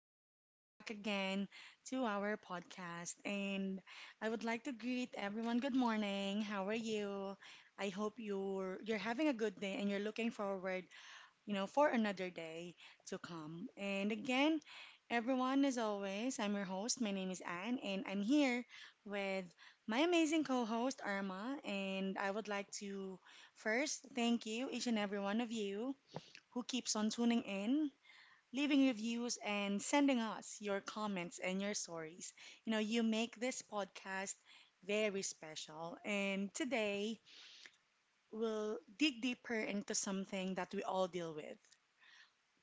and welcome back again to our podcast. And I would like to greet everyone. Good morning. How are you? I hope you're having a good day and you're looking forward, for another day to come. And again, everyone, as always, I'm your host. My name is Anne, and I'm here with my amazing co-host Irma. And I would like to first thank you, each and every one of you who keeps on tuning in, leaving reviews and sending us your comments and your stories. You make this podcast very special. And today we'll dig deeper into something that we all deal with,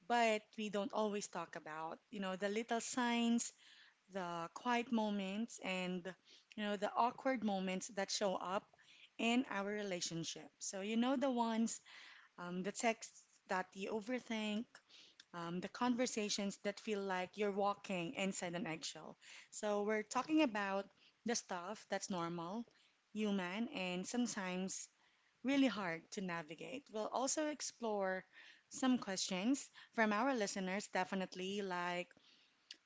but we don't always talk about. The little signs, the quiet moments, and, the awkward moments that show up in our relationship. So, the ones, the texts that you overthink, the conversations that feel like you're walking inside an eggshell. So, we're talking about the stuff that's normal, human, and sometimes really hard to navigate. We'll also explore some questions from our listeners, definitely, like,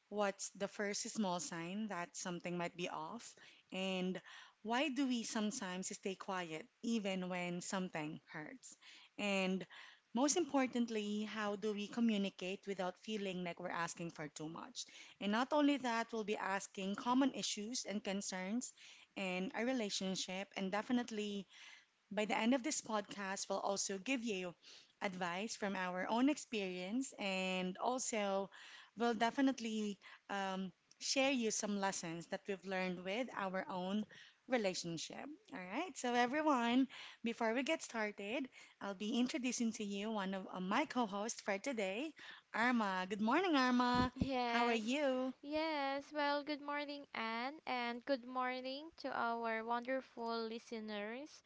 what's the first small sign that something might be off? And why do we sometimes stay quiet even when something hurts? And most importantly, how do we communicate without feeling like we're asking for too much? And not only that, we'll be asking common issues and concerns in a relationship, and definitely by the end of this podcast, we'll also give you advice from our own experience, and also we'll definitely um, share you some lessons that we've learned with our own relationship. All right, so everyone, before we get started, I'll be introducing to you one of my co hosts for today, Arma. Good morning, Arma. How are Yes, you? yes. Well, good morning, Anne, and good morning to our wonderful listeners.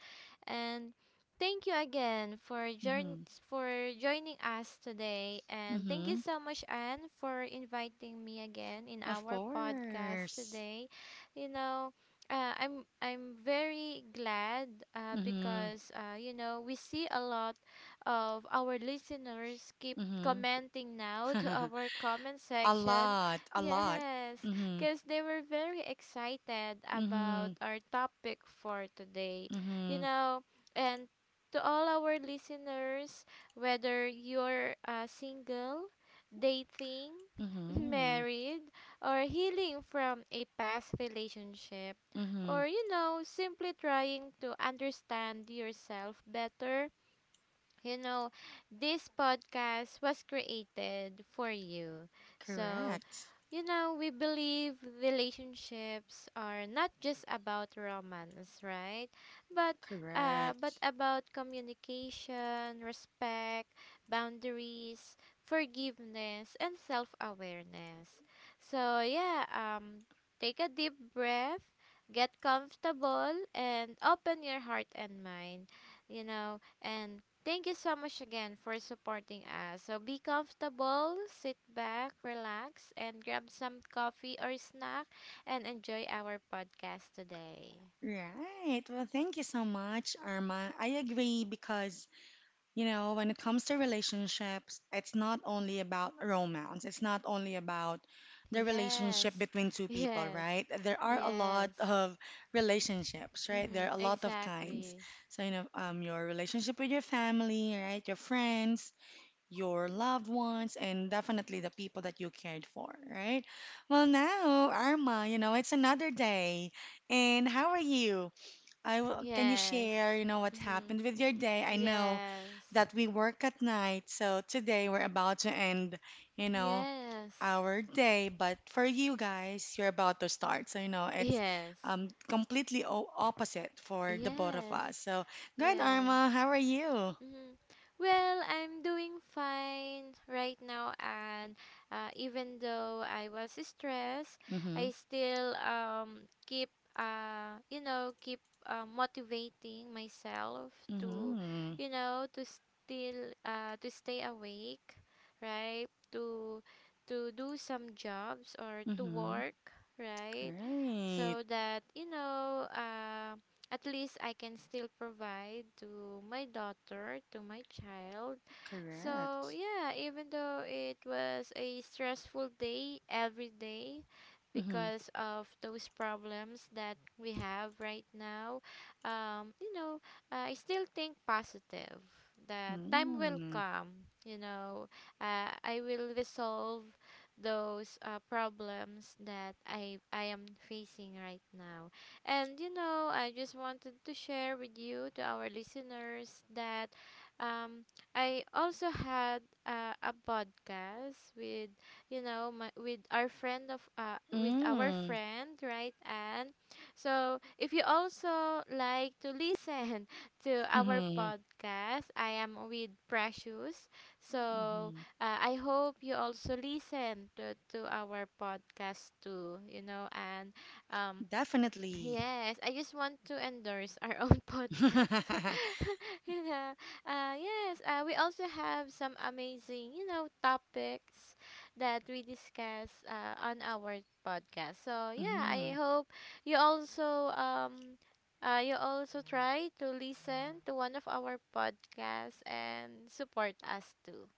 And thank you again for join Mm-hmm. for joining us today. And thank you Mm-hmm. so much, Anne, for inviting me again in Of our podcast course. today. You know, I'm very glad uh, Mm-hmm. because uh, you know we see a lot of our listeners keep Mm-hmm. commenting now to our comment A section. lot, a lot. Yes, Mm-hmm. because they were very excited Mm-hmm. about our topic for today. You Mm-hmm. know, and to all our listeners, whether you're single, dating, Mm-hmm. married, or healing from a past relationship, Mm-hmm. or simply trying to understand yourself better you know, this podcast was created for you. So, Correct. We believe relationships are not just about romance, right? But but Correct. about communication, respect, boundaries, forgiveness, and self-awareness. So, take a deep breath, get comfortable and open your heart and mind, and thank you so much again for supporting us. So be comfortable, sit back, relax, and grab some coffee or snack and enjoy our podcast today. Right. Well, thank you so much, Irma. I agree because, when it comes to relationships, it's not only about romance. It's not only about the relationship Yes, between two people, yes, right? There are a lot yes. of relationships, right? Mm-hmm. There are a lot of kinds. Exactly. So, your relationship with your family, right? Your friends, your loved ones, and definitely the people that you cared for, right? Well, now, Arma, it's another day. And how are you? Can you Yes. share, what Mm-hmm. happened with your day? I know Yes. that we work at night, so today we're about to end, you know, Yes. our day, but for you guys, you're about to start. So, it's Yes. Completely o opposite for the both of Yes. us. So, good, Yes. Arma, how are you? Mm-hmm. Well, I'm doing fine right now, and even though I was stressed, Mm-hmm. I still keep motivating myself to Mm-hmm. you know to still to stay awake, right? To do some jobs or to Mm-hmm. work, right? Right. So that at least I can still provide to my daughter, to my child. So, Correct. yeah, even though it was a stressful day every day Mm-hmm. because of those problems that we have right now, um, you know, I still think positive. That time will Mm-hmm. come, I will resolve those problems that I am facing right now, and you know, I just wanted to share with you, to our listeners, that um, I also had a podcast with you know my with our friend of with our Mm-hmm. friend, right? And so if you also like to listen to our Mm-hmm. podcast, I am with Precious. So I hope you also listen to our podcast too, you know. And um Definitely. yes, I just want to endorse our own podcast. You know, yes, we also have some amazing, you know, topics that we discuss on our podcast. So yeah, I Mm, hope you also um, you also try to listen to one of our podcasts and support us too.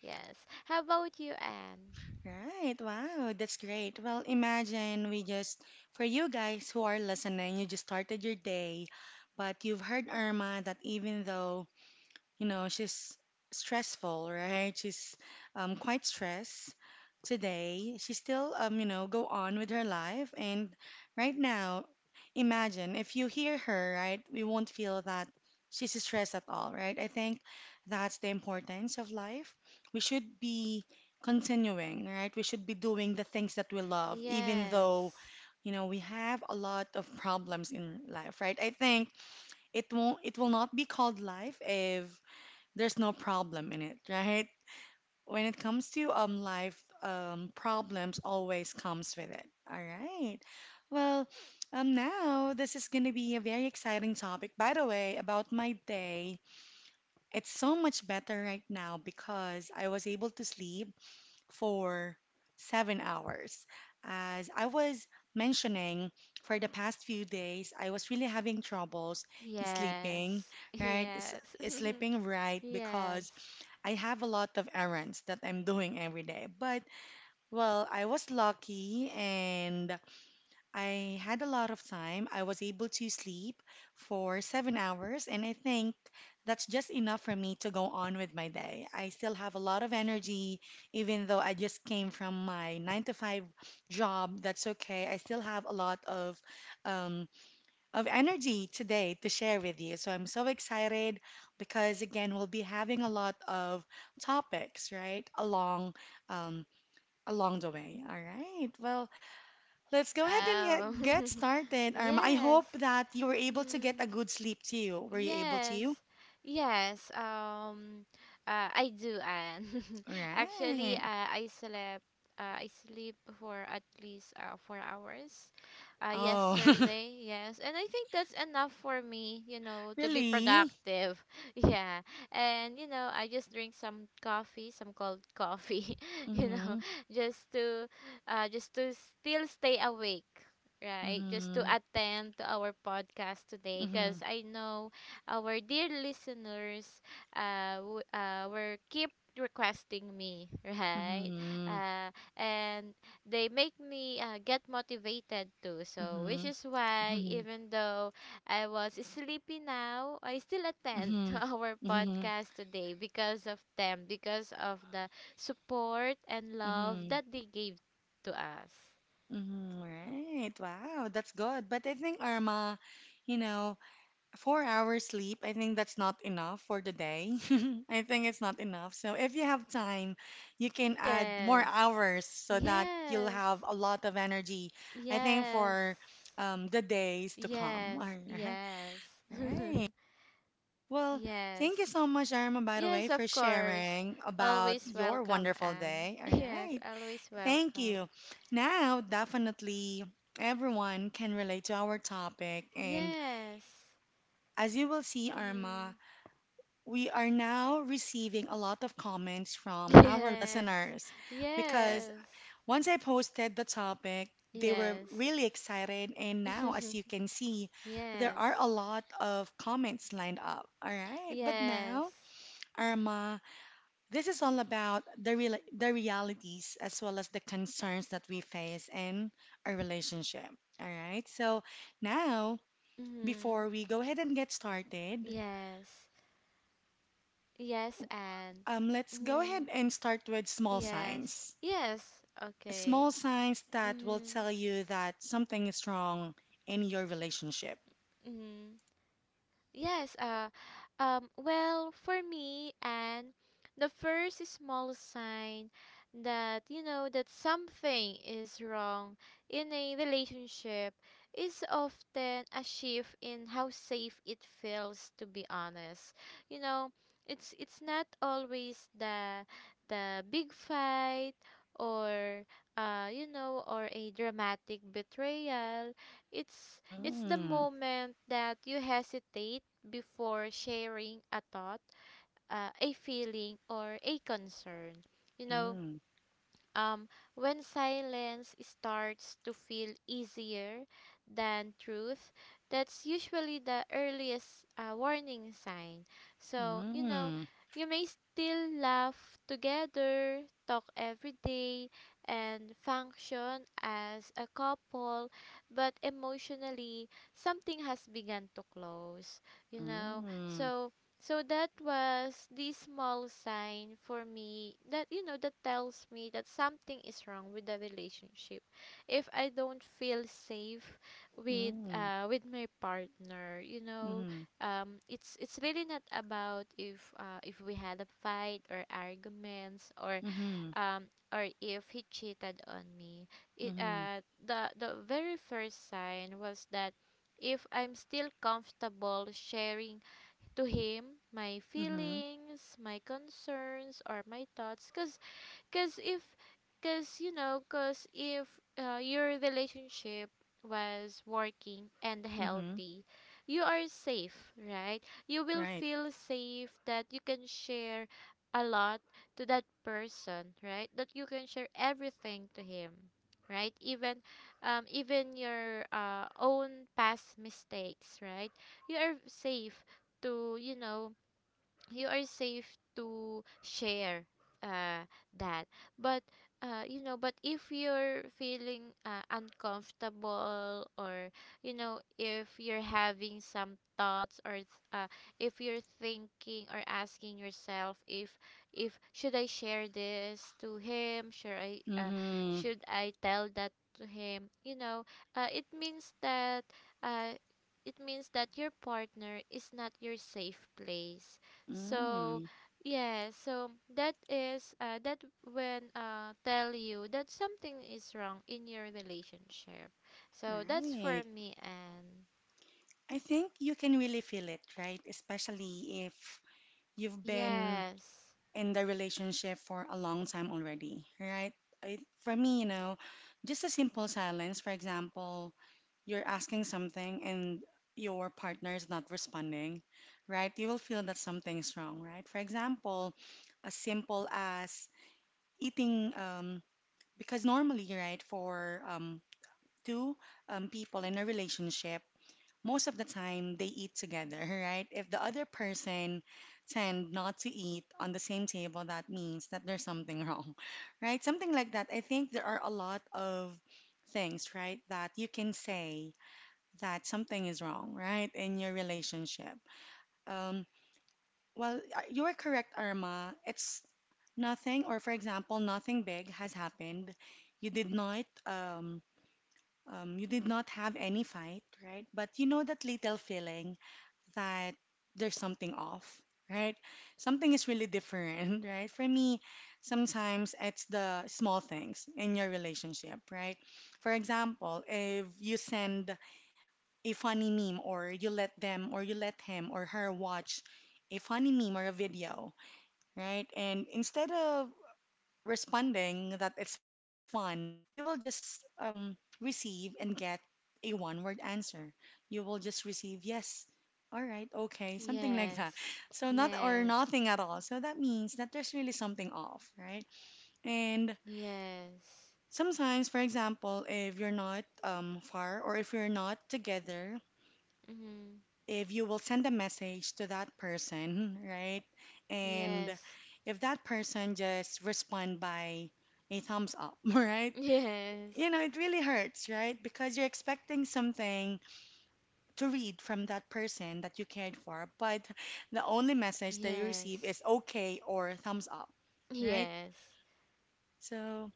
Yes. How about you, Anne? right. Wow, that's great. Well, imagine, we just, for you guys who are listening, you just started your day, but you've heard Irma that even though, she's stressful, right? She's quite stressed today. She still, go on with her life. And right now, imagine if you hear her, right? We won't feel that she's stressed at all, right? I think that's the importance of life. We should be continuing, right? We should be doing the things that we love, even though, Yes. We have a lot of problems in life, right? I think it won't, it will not be called life if there's no problem in it, right? When it comes to life, problems always comes with it. All right. Well, now this is gonna be a very exciting topic. By the way, about my day, it's so much better right now because I was able to sleep for 7 hours. As I was mentioning, for the past few days, I was really having troubles sleeping, Yes. right? Yes. Sleeping, right, Yes. because I have a lot of errands that I'm doing every day. But, well, I was lucky and I had a lot of time. I was able to sleep for 7 hours, and I think that's just enough for me to go on with my day. I still have a lot of energy, even though I just came from my 9 to 5 job. That's okay. I still have a lot um, of energy today to share with you. So I'm so excited because, again, we'll be having a lot of topics, right, along um, along the way. All right. Well, let's go ahead and Wow. Get started. I Yes. hope that you were able to get Mm. a good sleep too. Were you able Yes, to? yes. I do, and actually, Right. I slept. I sleep for at least 4 hours. Oh, Yesterday, yes, and I think that's enough for me. You know, to be really? productive. Yeah, and you know, I just drink some coffee, some cold coffee. You know, Mm-hmm. just to still stay awake. Right, just to Mm-hmm. attend to our podcast today, Mm-hmm. because I know our dear listeners were keep requesting me, right? Mm-hmm. Uh, and they make me get motivated too. So, Mm-hmm. which is why Mm-hmm. even though I was sleepy now, I still attend to Mm-hmm. our Mm-hmm. podcast today because of them, because of the support and love Mm-hmm. that they gave to us. Mhm. Right. Wow, that's good. But I think Irma, you know, 4 hours sleep, I think that's not enough for the day. I think it's not enough. So if you have time, you can add more Yes. hours so that you'll Yes. have a lot of energy, I think, Yes. for the days to come. Yes, All right. yes. All right. Well, thank you Yes. so much, Irma, by the way, Yes, for of course. sharing about Always your welcome, wonderful Anne. day. All Yes, right. always Thank welcome. you. Now, definitely everyone can relate to our topic. And Yes. as you will see, Irma, Mm. we are now receiving a lot of comments from our Yes. listeners because Yes. once I posted the topic, they were Yes. really excited. And now, as you can see, there Yes. are a lot of comments lined up. All right. But Yes. now, Irma. This is all about the real the realities as well as the concerns that we face in our relationship. All right. So now, Mm. before we go ahead and get started, Yes. Yes, Anne. Let's go ahead Mm. and start with small Yes. signs. Yes. Okay. Small signs that will Mm. tell you that something is wrong in your relationship. Mm. Yes, uh, well, for me, and the first small sign that you know that something is wrong in a relationship is often a shift in how safe it feels to be honest. You know, it's not always the big fight or a dramatic betrayal. It's the Mm, moment that you hesitate before sharing a thought, a feeling, or a concern. You know, mm, um, when silence starts to feel easier than truth, that's usually the earliest warning sign. So, you know, mm, you may still laugh together, talk every day, and function as a couple, but emotionally, something has begun to close, you know. mm, So that was the small sign for me that, you know, that tells me that something is wrong with the relationship. If I don't feel safe with mm, my partner, you know, mhm, it's really not about if we had a fight or arguments or mhm, if he cheated on me. It mhm, the very first sign was that if I'm still comfortable sharing to him my mhm, feelings, my concerns, or my thoughts. Because Cause if, cause you know, cause if your relationship was working and mhm. healthy, you are safe, right? You will Right. feel safe that you can share a lot to that person, right? That you can share everything to him, right? Even, even your own past mistakes, right? You are safe to you know you are safe to share uh, that. But uh, you know but if you're feeling uncomfortable, or you know, if you're having some thoughts uh, if you're thinking or asking yourself if should I share this to him, should I uh, Mhm. should I tell that to him, uh, it means that uh, it means that your partner is not your safe place. So, Mm, yeah, so that is that when tell you that something is wrong in your relationship. So that's for right. me. And I think you can really feel it, right? Especially if you've been Yes. in the relationship for a long time already, right? I, for me, just a simple silence, for example, you're asking something and your partner is not responding, right? You will feel that something's wrong, right? For example, as simple as eating, because normally, right, for two people in a relationship, most of the time they eat together, right? If the other person tend not to eat on the same table, that means that there's something wrong, right? Something like that. I think there are a lot of things, right, that you can say that something is wrong, right, in your relationship. Um, well, you are correct, Irma. It's nothing, or for example, nothing big has happened. You did not, um, you did not have any fight, right? But you know that little feeling that there's something off, right? Something is really different, right? For me, sometimes it's the small things in your relationship, right? For example, if you send a funny meme or you let him or her watch a funny meme or a video, right? And instead of responding that it's fun, you will just receive and get a one word answer. You will just receive yes, all right, okay, something like that. Yes. So, not, or Yes. nothing at all. So, that means that there's really something off, right? And Yes. sometimes, for example, if you're not far, or if you're not together, Mhm. if you will send a message to that person, right? And Yes. if that person just respond by a thumbs up, right? Yes. You know, it really hurts, right? Because you're expecting something to read from that person that you cared for, but the only message that you receive Yes. is okay or thumbs up, right? Yes. So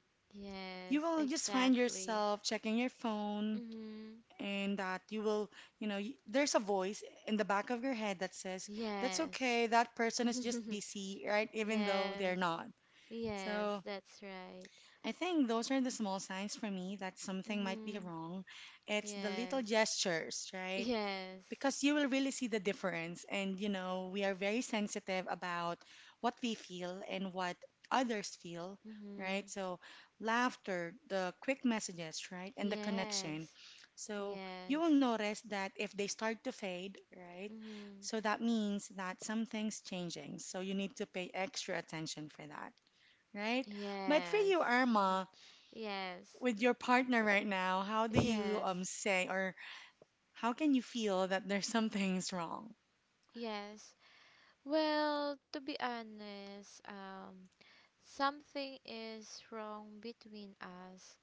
you Yes, will just find exactly. yourself checking your phone, Mhm. and that you will, there's a voice in the back of your head that says, that's Yes. okay, that person is just busy, right? Even though Yes. they're not. Yes, So that's right. I think those are the small signs for me that something might be Mhm. wrong. It's the little Yes. gestures, right? Yes. Because you will really see the difference. And, we are very sensitive about what we feel and what others feel, right? Mhm. So, laughter, the quick messages, right? And the connection. Yes. So, you will Yes. notice that if they start to fade, right? Mhm. So, that means that something's changing. So, you need to pay extra attention for that, right? But for Yes. you, Mhm. Irma, Yes. with your partner right now, how do you Yes. Say, or how can you feel that there's something's wrong? Yes. Well, to be honest, something is wrong between us.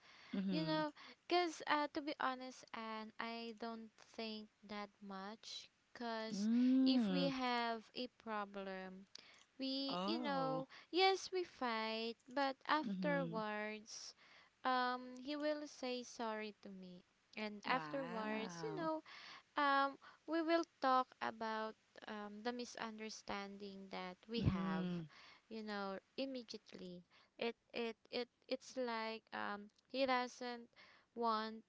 You Mm-hmm. know, because, to be honest, and I don't think that much. Because if we Mm. have a problem, we, you Oh. know, yes, we fight, but Mm-hmm. afterwards, he will say sorry to me. And afterwards, you Wow. know, um, we will talk about the misunderstanding that we have, Mm-hmm. you know, immediately. It's like he doesn't want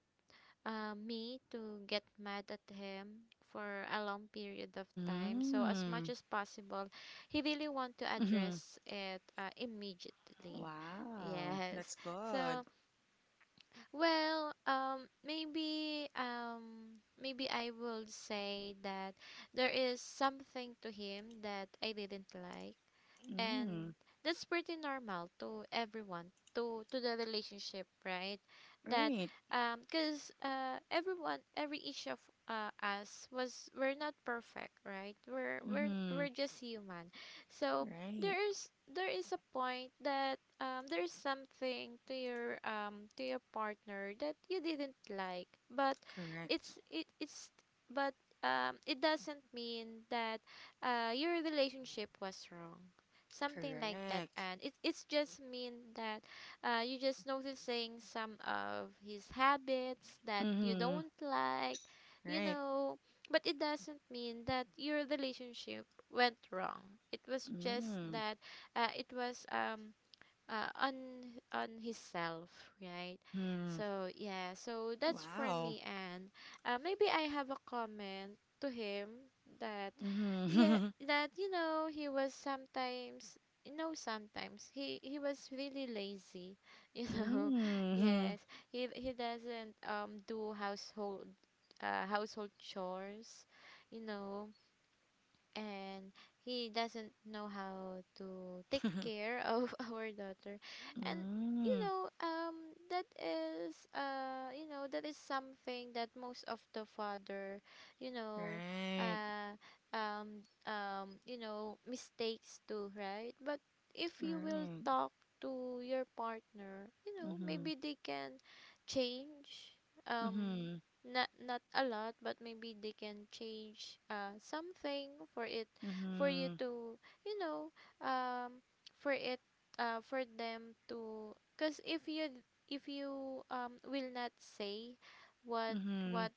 me to get mad at him for a long period of time. So as much Mm. as possible, he really want to Mm-hmm. address it immediately. Wow. Yes. That's So good. well, maybe I will say that there is something to him that I didn't like, and Mm. that's pretty normal to everyone to the relationship, right? that Right. Because everyone, every each of us was we're not perfect, right? we're we're Mm-hmm. we're just human. So Right. there is, there is a point that there is something to your partner that you didn't like. but Correct. it's it it's but um it doesn't mean that your relationship was wrong, something like that. Correct. It's just mean that you just noticing some of his habits that you Mm-hmm. don't like, you Right. know. But it doesn't mean that your relationship went wrong. It was just Mm. that it was uh, on on his self, right? Mm-hmm. So yeah, so that's for Wow. me. And maybe I have a comment to him that, yeah, Mm-hmm. that, you know, he was sometimes you know sometimes, he was really lazy. You know, Mm-hmm. yes, he doesn't do household chores, you know. And he doesn't know how to take care of our daughter. And you Mm, know, that is that is something that most of the father, you know, right, uh mistakes too, right? But if you will right. talk to your partner, you know, Mm-hmm, maybe they can change, um mm-hmm, not, not a lot, but maybe they can change something for it, for you mm-hmm, to, you know, um for it for them to. Because if you, if you will not say what, mm-hmm, what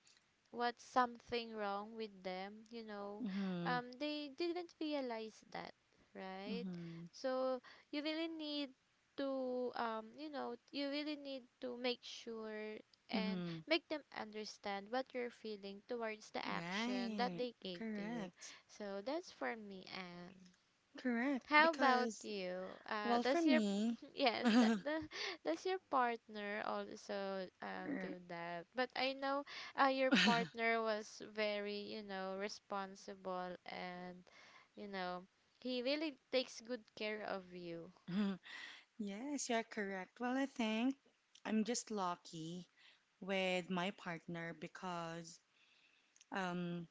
what's something wrong with them, you know, mm-hmm, they didn't realize that, right? mm-hmm, So you really need to, you know, you really need to make sure and hmm. make them understand what you're feeling towards the action that Right, they gave to you. correct, So that's for me. And correct. How about Because, you? Well, for Does your me, yes, er, does your partner also do that? But I know your partner was very, you know, responsible, and you know, he really takes good care of you. yes, you're correct. Well, I think I'm just lucky with my partner because um,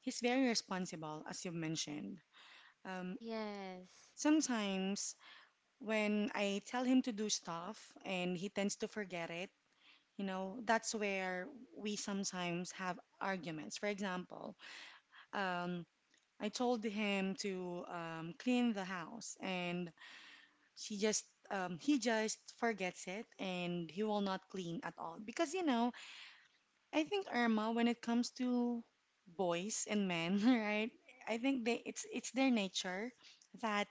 he's very responsible, as you mentioned. Um, Yes. Sometimes when I tell him to do stuff and he tends to forget it, you know, that's where we sometimes have arguments. For example, um, I told him to clean the house and she just he just forgets it and he will not clean at all. Because, you know, I think Irma, when it comes to boys and men, right? I think they it's their nature that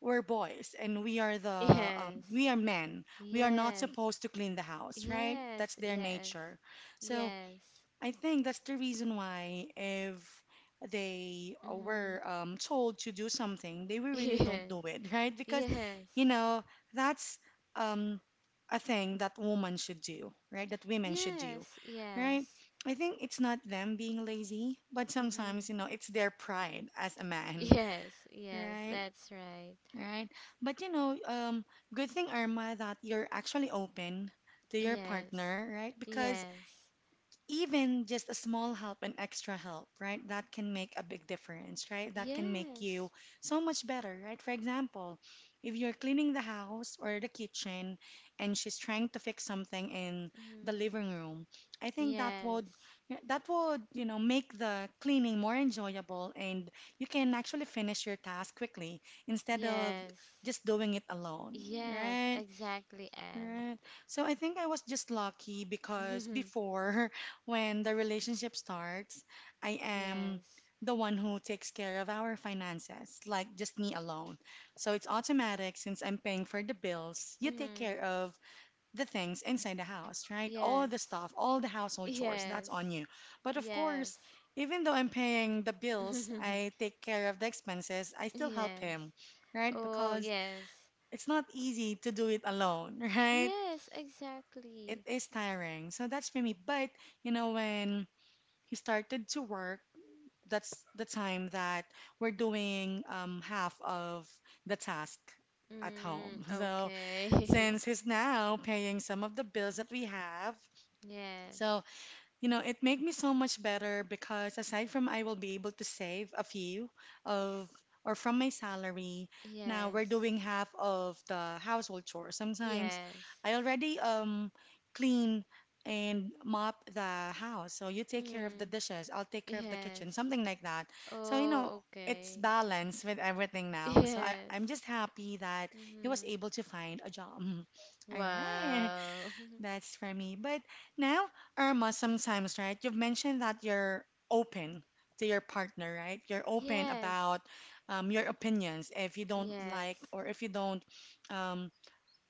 we're boys and we are the we are men. We are not Yes. supposed to clean the house, right? Yes. That's their Yes. nature. So Yes. Yes. I think that's the reason why if they Mm-hmm. were told to do something, they will really don't Yes. do it, right? Because you Yes. know that's um, a thing that woman should do, right? That women should do, Yes. right? Yes. I think it's not them being lazy, but Mm-hmm. sometimes you know it's their pride as a man, Yes, yes, right? that's right. Right. But you know, good thing, Irma, that you're actually open to your Yes, partner, right? Because yes, even just a small help and extra help, right? That can make a big difference, right? That can make you yes, so much better, right? For example, if you're cleaning the house or the kitchen and she's trying to fix something in the mm, living room, I think that would yes, that would, you know, make the cleaning more enjoyable and you can actually finish your task quickly instead of yes, just doing it alone, yes, right? exactly, and Right. So I think I was just lucky because before, when the relationship starts, I am yes, the one who takes care of our finances, like just me alone. So it's automatic since I'm paying for the bills. You take mm, care of the things inside the house, right? All the yes, stuff, all the household chores, that's yes, on you. But of yes, course, even though I'm paying the bills, I take care of the expenses, I still help him, yes, right? oh, Because yes, it's not easy to do it alone, right? yes, It exactly, is tiring. So that's for me. But you know, when he started to work, that's the time that we're doing half of the task at mm, home. So okay, since he's now paying some of the bills that we have, yes, so you know, it made me so much better because aside from I will be able to save a few of or from my salary, now we're yes, doing half of the household chores. Sometimes yes. I already clean and mop the house. So you take care of the Mm. dishes, I'll take care of the kitchen, Yes. something like that. So, you know, Oh, it's okay. balanced with everything now. So I, Yes. I'm just happy that he was Mm-hmm. able to find a job. All right. Wow. That's for me. But now, Irma, sometimes, right? You've mentioned that you're open to your partner, right? You're open Yes. about your opinions. If you don't like, Yes. or if you don't um,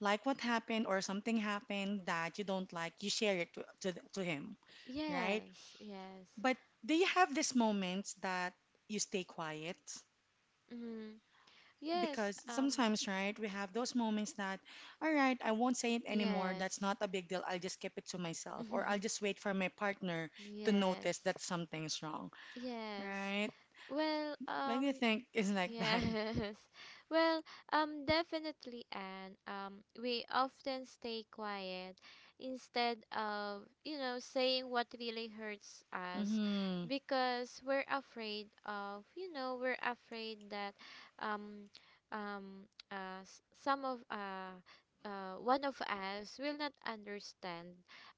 like what happened, or something happened that you don't like, you share it to him, right? Yes. Yes. But do you have these moments that you stay quiet? Mm-hmm. Yes. Because sometimes, right, we have those moments that, all right, I won't say it anymore. That's Yes. not a big deal. I'll just keep it to myself, or I'll just wait for my partner to Yes. notice that something's wrong, Yes. right? Well, What do you think is like that? yes. Well, definitely, and we often stay quiet instead of, saying what really hurts us Mm-hmm. because we're afraid of, we're afraid that, um, some of, one of us will not understand,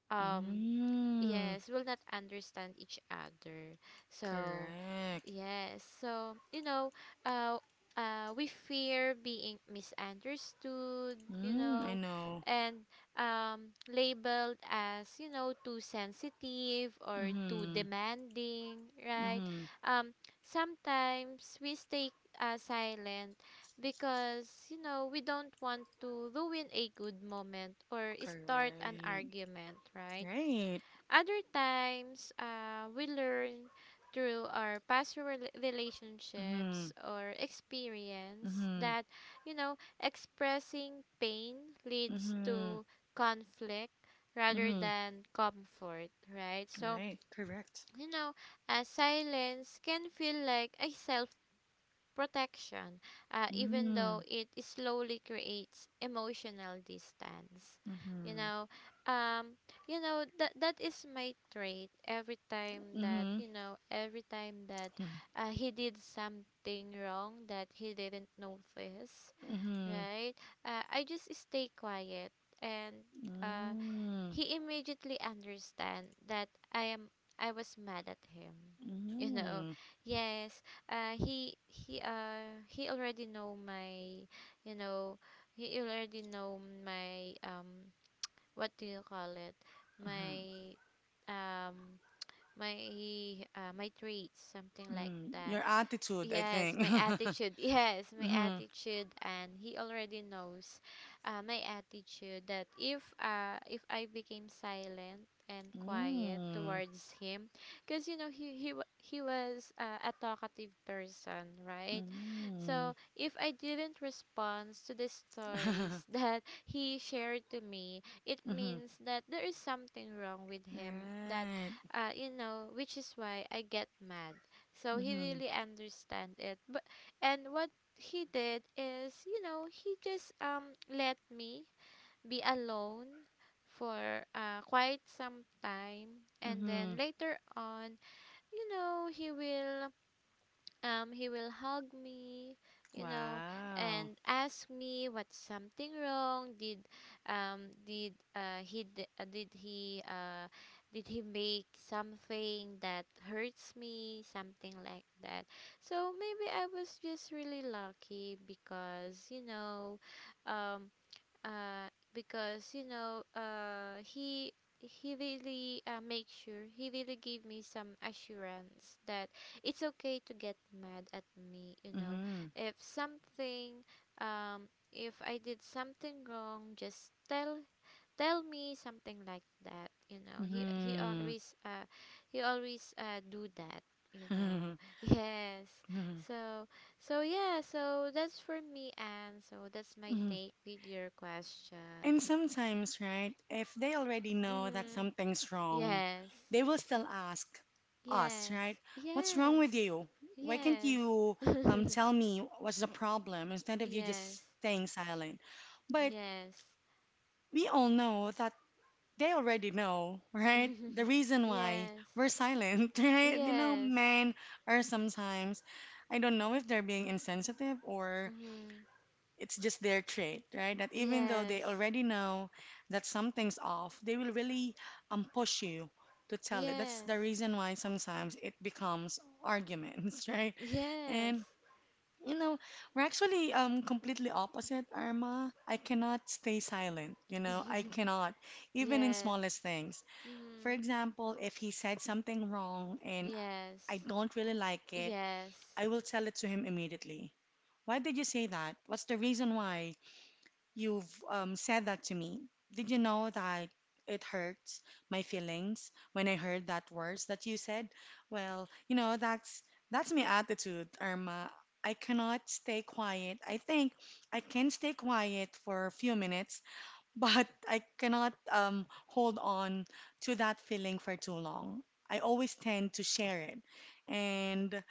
um, Mm-hmm. yes will not understand each other, so Correct. yes, so uh we fear being misunderstood you Mm, I know know. And labeled as, too sensitive or too Mm-hmm. demanding, right? Mm-hmm. um Sometimes we stay silent because, we don't want to ruin a good moment or start an Correct. argument, right? Right. Other times, we learn through our past Mm-hmm. relationships or experience Mm-hmm. that, expressing pain leads Mm-hmm. to conflict rather Mm-hmm. than comfort, right? So, Right. Correct. you know, silence can feel like a self protection, even though Mm-hmm. it slowly creates emotional distance. You Mm-hmm. know, um, you know that that is my trait. Every time that, Mm-hmm. Every time that, he did something wrong that he didn't notice, Mm-hmm. right? I just stay quiet, and. Uh, Mm, he immediately understand that I am I was mad at him. You know, mm, yes, he already know my, you know, he already know my, what do you call it, uh-huh. my, um my, my traits, something like Mm. Your that. attitude, I Yes, think. my attitude. Yes, my Mm, attitude, and he already knows, my attitude that, if I became silent and quiet mm, towards him, because, he was a talkative person, right? mm. So if I didn't respond to the stories that he shared to me, it Mhm. means that there is something wrong with him. That, Right. Which is why I get mad, so he Mhm. really understand it. But and what he did is, he just, let me be alone for, quite some time, and then Mhm. later on, you know he will he will hug me, you know, Wow. and ask me what's something wrong. Did he d- did he make something that hurts me, something like that. So maybe I was just really lucky, because, um because, he really, make sure, he really gave me some assurance that it's okay to get mad at me. Mhm. If something, um if I did something wrong, just tell me, something like that. He always do that you know yes. Mhm. So so yeah, so that's for me, and so that's my take with your question. And sometimes, right, if they already know that Mm-hmm. something's wrong, Yes. they will still ask us, Yes. right? What's wrong Yes. with you? Why can't Yes. you tell me what's the problem instead of you Yes. just staying silent? But Yes. we all know that they already know, right? The reason why Yes. we're silent, right? You know, Yes. men are sometimes, I don't know if they're being insensitive or Mm-hmm. it's just their trait, right? That even though they Yes. already know that something's off, they will really push you to tell it. That's the Yes. reason why sometimes it becomes arguments, right? Yes. And you know, we're actually completely opposite, Irma. I cannot stay silent, you know, I cannot, even in Yes. smallest things. For Mm-hmm. example, if he said something wrong and I Yes. don't really like it, I Yes. will tell it to him immediately. Why did you say that? What's the reason why? You've said that to me. Did you know that it hurts my feelings when I heard that words that you said? Well, you know, that's my attitude, Irma. I cannot stay quiet. I think I can stay quiet for a few minutes, but I cannot hold on to that feeling for too long. I always tend to share it. And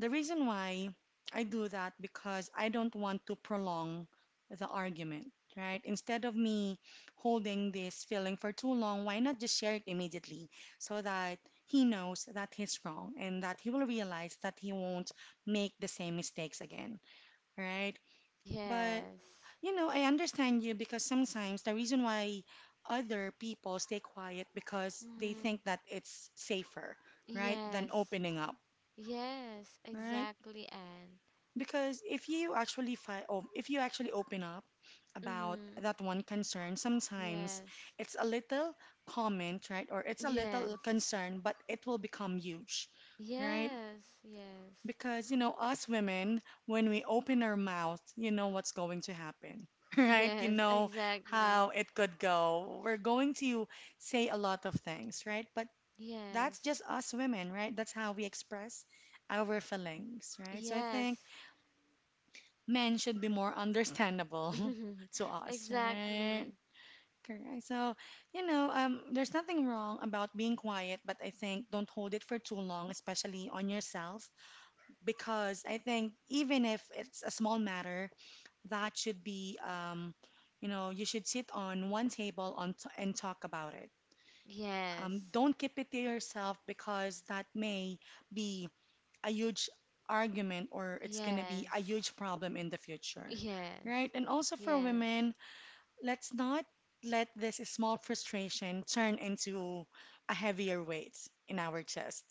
the reason why I do that because I don't want to prolong the argument, right? Instead of me holding this feeling for too long, why not just share it immediately so that he knows that he's wrong and that he will realize that he won't make the same mistakes again, right? But Yes. you know, I understand you because sometimes the reason why other people stay quiet because they Mm-hmm. think that it's safer, right, than Yes. opening up, Yes, right? exactly, Anne. Because if you actually fi- oh, if you actually open up about Mm-hmm. that one concern, sometimes Yes. it's a little comment, right? Or it's a Yes. little concern, but it will become huge, right? Yes. Yes. Because you know, us women, when we open our mouth, you know what's going to happen, right? You Yes, know exactly. how it could go. We're going to say a lot of things, right? But that's Yes. just us women, right? That's how we express our feelings, right? So I think Yes. men should be more understandable to us, right? Exactly. Correct. So, you know, there's nothing wrong about being quiet, but I think don't hold it for too long, especially on yourself, because I think even if it's a small matter, that should be, you know, you should sit on one table and talk about it. Yes. Don't keep it to yourself because that may be a huge argument or it's going to be a Yes. huge problem in the future, Yes. right? And also for Yes. women, let's not let this small frustration turn into a heavier weight in our chest,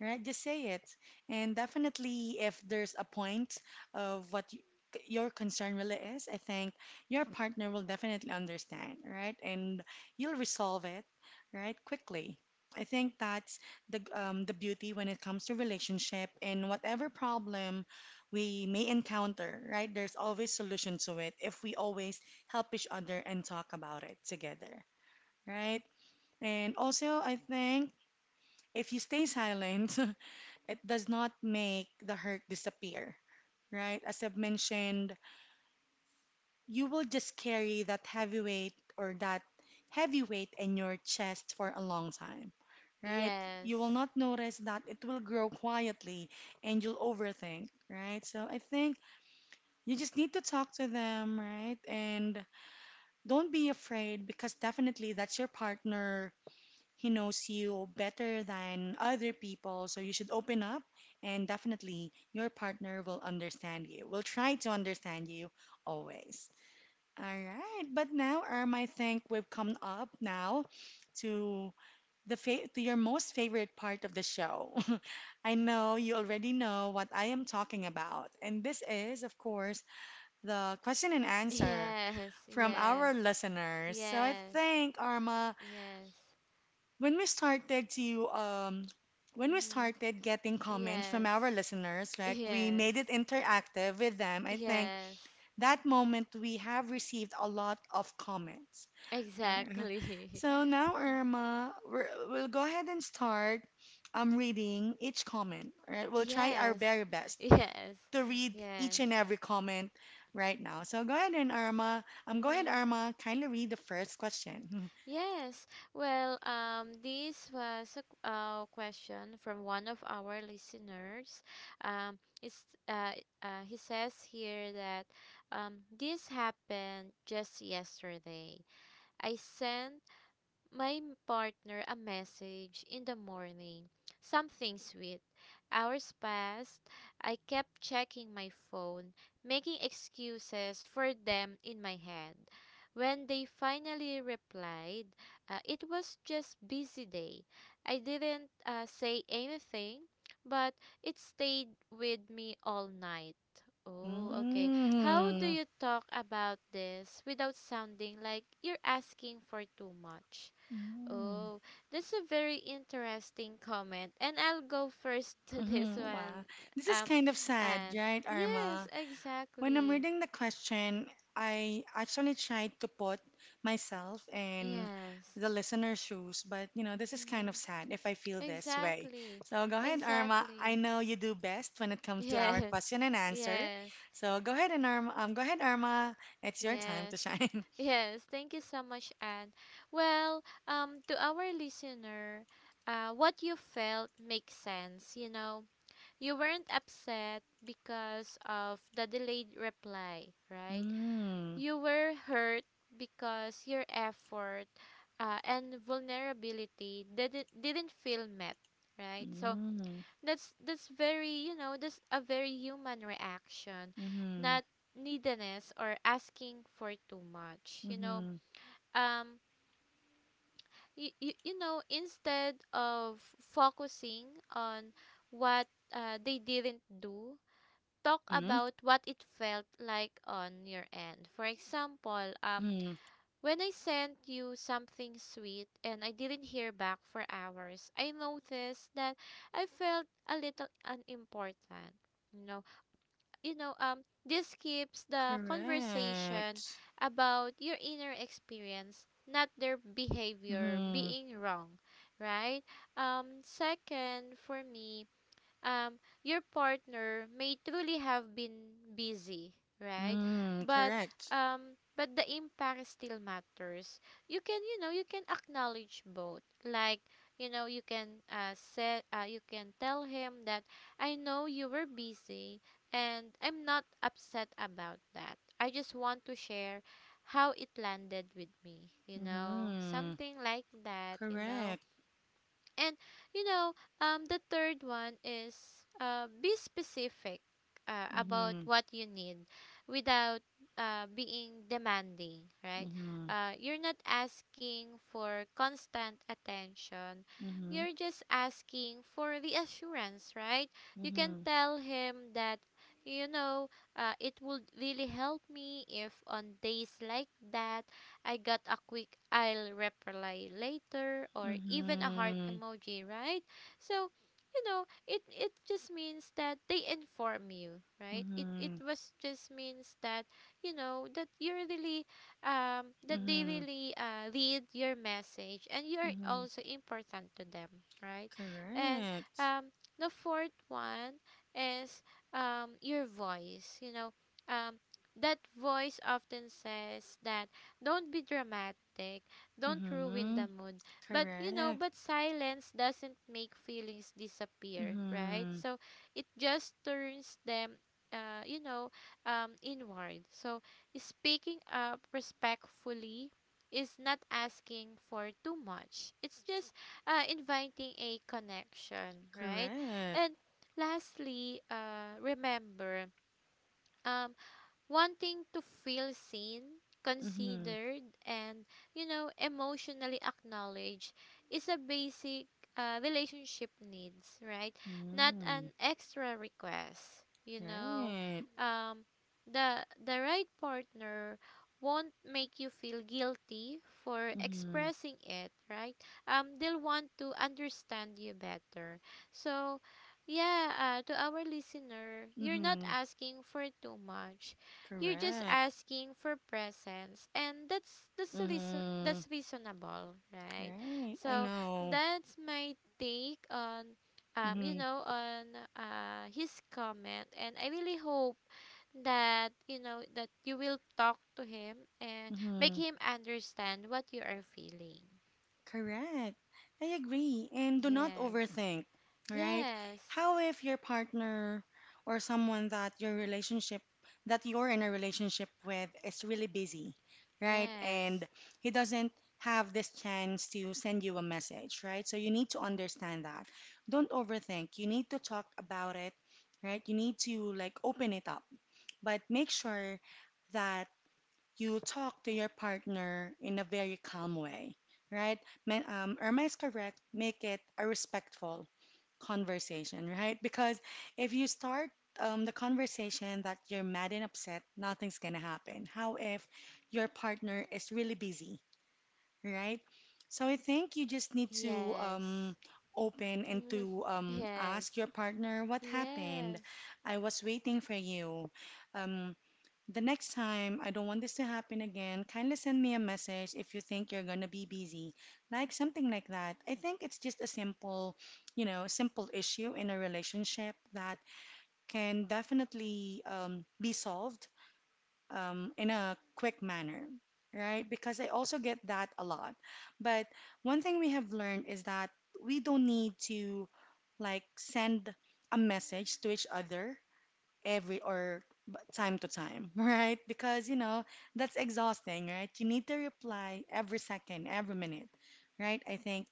right? Just say it. And definitely, if there's a point of what you, your concern really is, I think your partner will definitely understand, right? And you'll resolve it, right? Quickly. I think that's the beauty when it comes to relationship and whatever problem we may encounter, right? There's always solution to it if we always help each other and talk about it together, right? And also, I think if you stay silent, it does not make the hurt disappear, right? As I've mentioned, you will just carry that heavy weight or that heavy weight in your chest for a long time, right? You will Yes. not notice that it will grow quietly and you'll overthink, right? So I think you just need to talk to them, right? And don't be afraid because definitely that's your partner. He knows you better than other people, so you should open up and definitely your partner will understand you, will try to understand you always. All right, but now, Irma, I think we've come up now to to your most favorite part of the show. I know you already know what I am talking about, and this is, of course, the question and answer Yes. from our Yes. listeners. So I Yes. think, Arma, Yes. when we started to um when we Mm-hmm. started getting comments from Yes. our listeners like we Yes. made it interactive with them, I think Yes. that moment we have received a lot of comments. Uh, Exactly. so now, Irma, we'll go ahead and start reading each comment, right? We'll try our Yes, very best yes, to read each yes. and every comment right now, so go ahead and Irma, go ahead Hmm. Irma, kindly read the first question. Yes. Well, this was a question from one of our listeners. Um, it's, uh, he says here that, this happened just yesterday. I sent my partner a message in the morning, something sweet. Hours passed. I kept checking my phone, making excuses for them in my head. When they finally replied, it was just busy day. I didn't, say anything, but it stayed with me all night. Oh, okay. How do Mm. you talk about this without sounding like you're asking for too much? Mm. Oh, that's a very interesting comment. And I'll go first to this Mm-hmm. Wow. one. This is Um, kind of sad, and right, yes, Arma? When I'm exactly. reading the question, I actually tried to put myself in Yes. the listener's shoes, but you know, this is kind of Mm-hmm. sad if I feel this way. Exactly. So go ahead, Arma. I Exactly. know you do best when it comes to our Yes. question and answer. Yes. So go ahead and Arma, go ahead, Arma. It's your time to Yes. shine. Yes. Thank you so much, Anne. Well, to our listener, what you felt makes sense. You weren't upset because of the delayed reply, right? Mm. You were hurt because your effort, and vulnerability didn't feel met, right? So Mm. That's a very human reaction, Mm-hmm. not neediness or asking for too much. Mm-hmm. um, instead of focusing on what, they didn't do, talk Mm-hmm. about what it felt like on your end. For example, Mm-hmm. when I sent you something sweet and I didn't hear back for hours, I noticed that I felt a little unimportant. You know, you know, um, this keeps the conversation Correct. about your inner experience, not their behavior Mm-hmm. being wrong, right? Second, for me, um, your partner may truly have been busy, right? Mm, But correct. but the impact still matters. You can acknowledge both. Like, you can, tell him that, I know you were busy and I'm not upset about that. I just want to share how it landed with me, you know, Mm-hmm. something like that. Correct. and you know, the third one is, be specific, about Mm-hmm. what you need, without, being demanding, right? Mm-hmm. You're not asking for constant attention. Mm-hmm. You're just asking for reassurance, right? You can Mm-hmm. tell him that, you know, it would really help me if on days like that I got a quick I'll reply later, or even a heart Mm-hmm. emoji, right? So, it just means that they inform you, right? It Mm-hmm. was just means that, that you're really, that they Mm-hmm. really, read your message, and you're Mm-hmm. also important to them, right? And, Correct. um the fourth one is, your voice. Um that voice often says that, don't be dramatic. Don't ruin Mm-hmm. the mood. But you know, Correct. but silence doesn't make feelings disappear, right? Mm-hmm. So it just turns them, uh, you know, inward. So speaking up respectfully is not asking for too much. It's just, inviting a connection, right? And Correct. lastly, remember, um, wanting to feel seen, Mm-hmm. considered, and, emotionally acknowledged, is a basic, relationship needs, right? Not Mm-hmm. an extra request. Right. um, the right partner won't make you feel guilty for Mm-hmm. expressing it, right? They'll want to understand you better. So, yeah, to our listener, you're not Mm-hmm. asking for too much. You're just Correct. asking for presents, and that's that's reason Mm-hmm. that's reasonable, right? Right. I So know. that's my take on, um you Mm-hmm. know on his comment, and I really hope that, that you will talk to him and make Mm-hmm. him understand what you are feeling. Correct. I agree. And do not Yes. overthink, right? Yes. How if your partner or someone that your relationship that you're in a relationship with is really busy, right? Yes. And he doesn't have this chance to send you a message, right? So you need to understand that. Don't overthink. You need to talk about it, right? You need to like open it up, but make sure that you talk to your partner in a very calm way, right? Irma is correct. Make it a respectful conversation, right? Because if you start the conversation that you're mad and upset, nothing's gonna happen. How if your partner is really busy, right? So I think you just need to Yes. Open and to Yes. ask your partner what happened. Yes. I was waiting for you. Um, the next time, I don't want this to happen again. Kindly send me a message if you think you're gonna be busy. Like something like that. I think it's just a simple, you know, simple issue in a relationship that can definitely be solved in a quick manner, right? Because I also get that a lot. But one thing we have learned is that we don't need to like send a message to each other every or time to time, right? Because, you know, that's exhausting, right? You need to reply every second, every minute, right? I think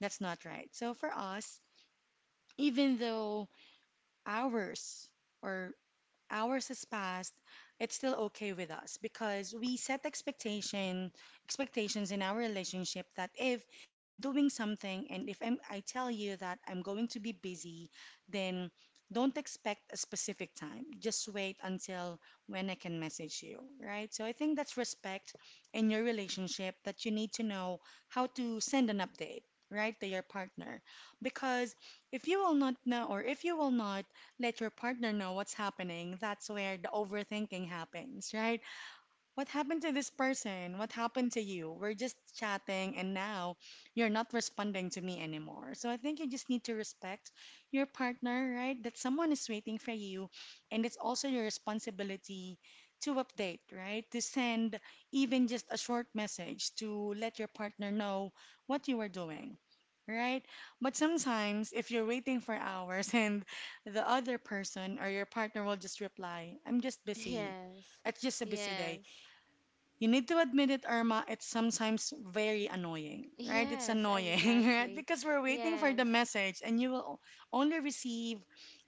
that's not right. So for us, even though hours or hours has passed, it's still okay with us because we set expectations in our relationship that if I'm doing something and if I'm, I tell you that I'm going to be busy, then don't expect a specific time. Just wait until when I can message you, right? So I think that's respect in your relationship that you need to know how to send an update, right, to your partner. Because if you will not know or if you will not let your partner know what's happening, that's where the overthinking happens, right? What happened to this person? What happened to you? We're just chatting and now you're not responding to me anymore. So I think you just need to respect your partner, right? That someone is waiting for you and it's also your responsibility to update, right? To send even just a short message to let your partner know what you are doing. Right? But sometimes if you're waiting for hours and the other person or your partner will just reply, I'm just busy. Yes, It's just a busy day yes, you need to admit it, Irma. It's sometimes very annoying, right? It's yes, annoying, right? exactly. Because we're waiting for the Yes, message, and you will only receive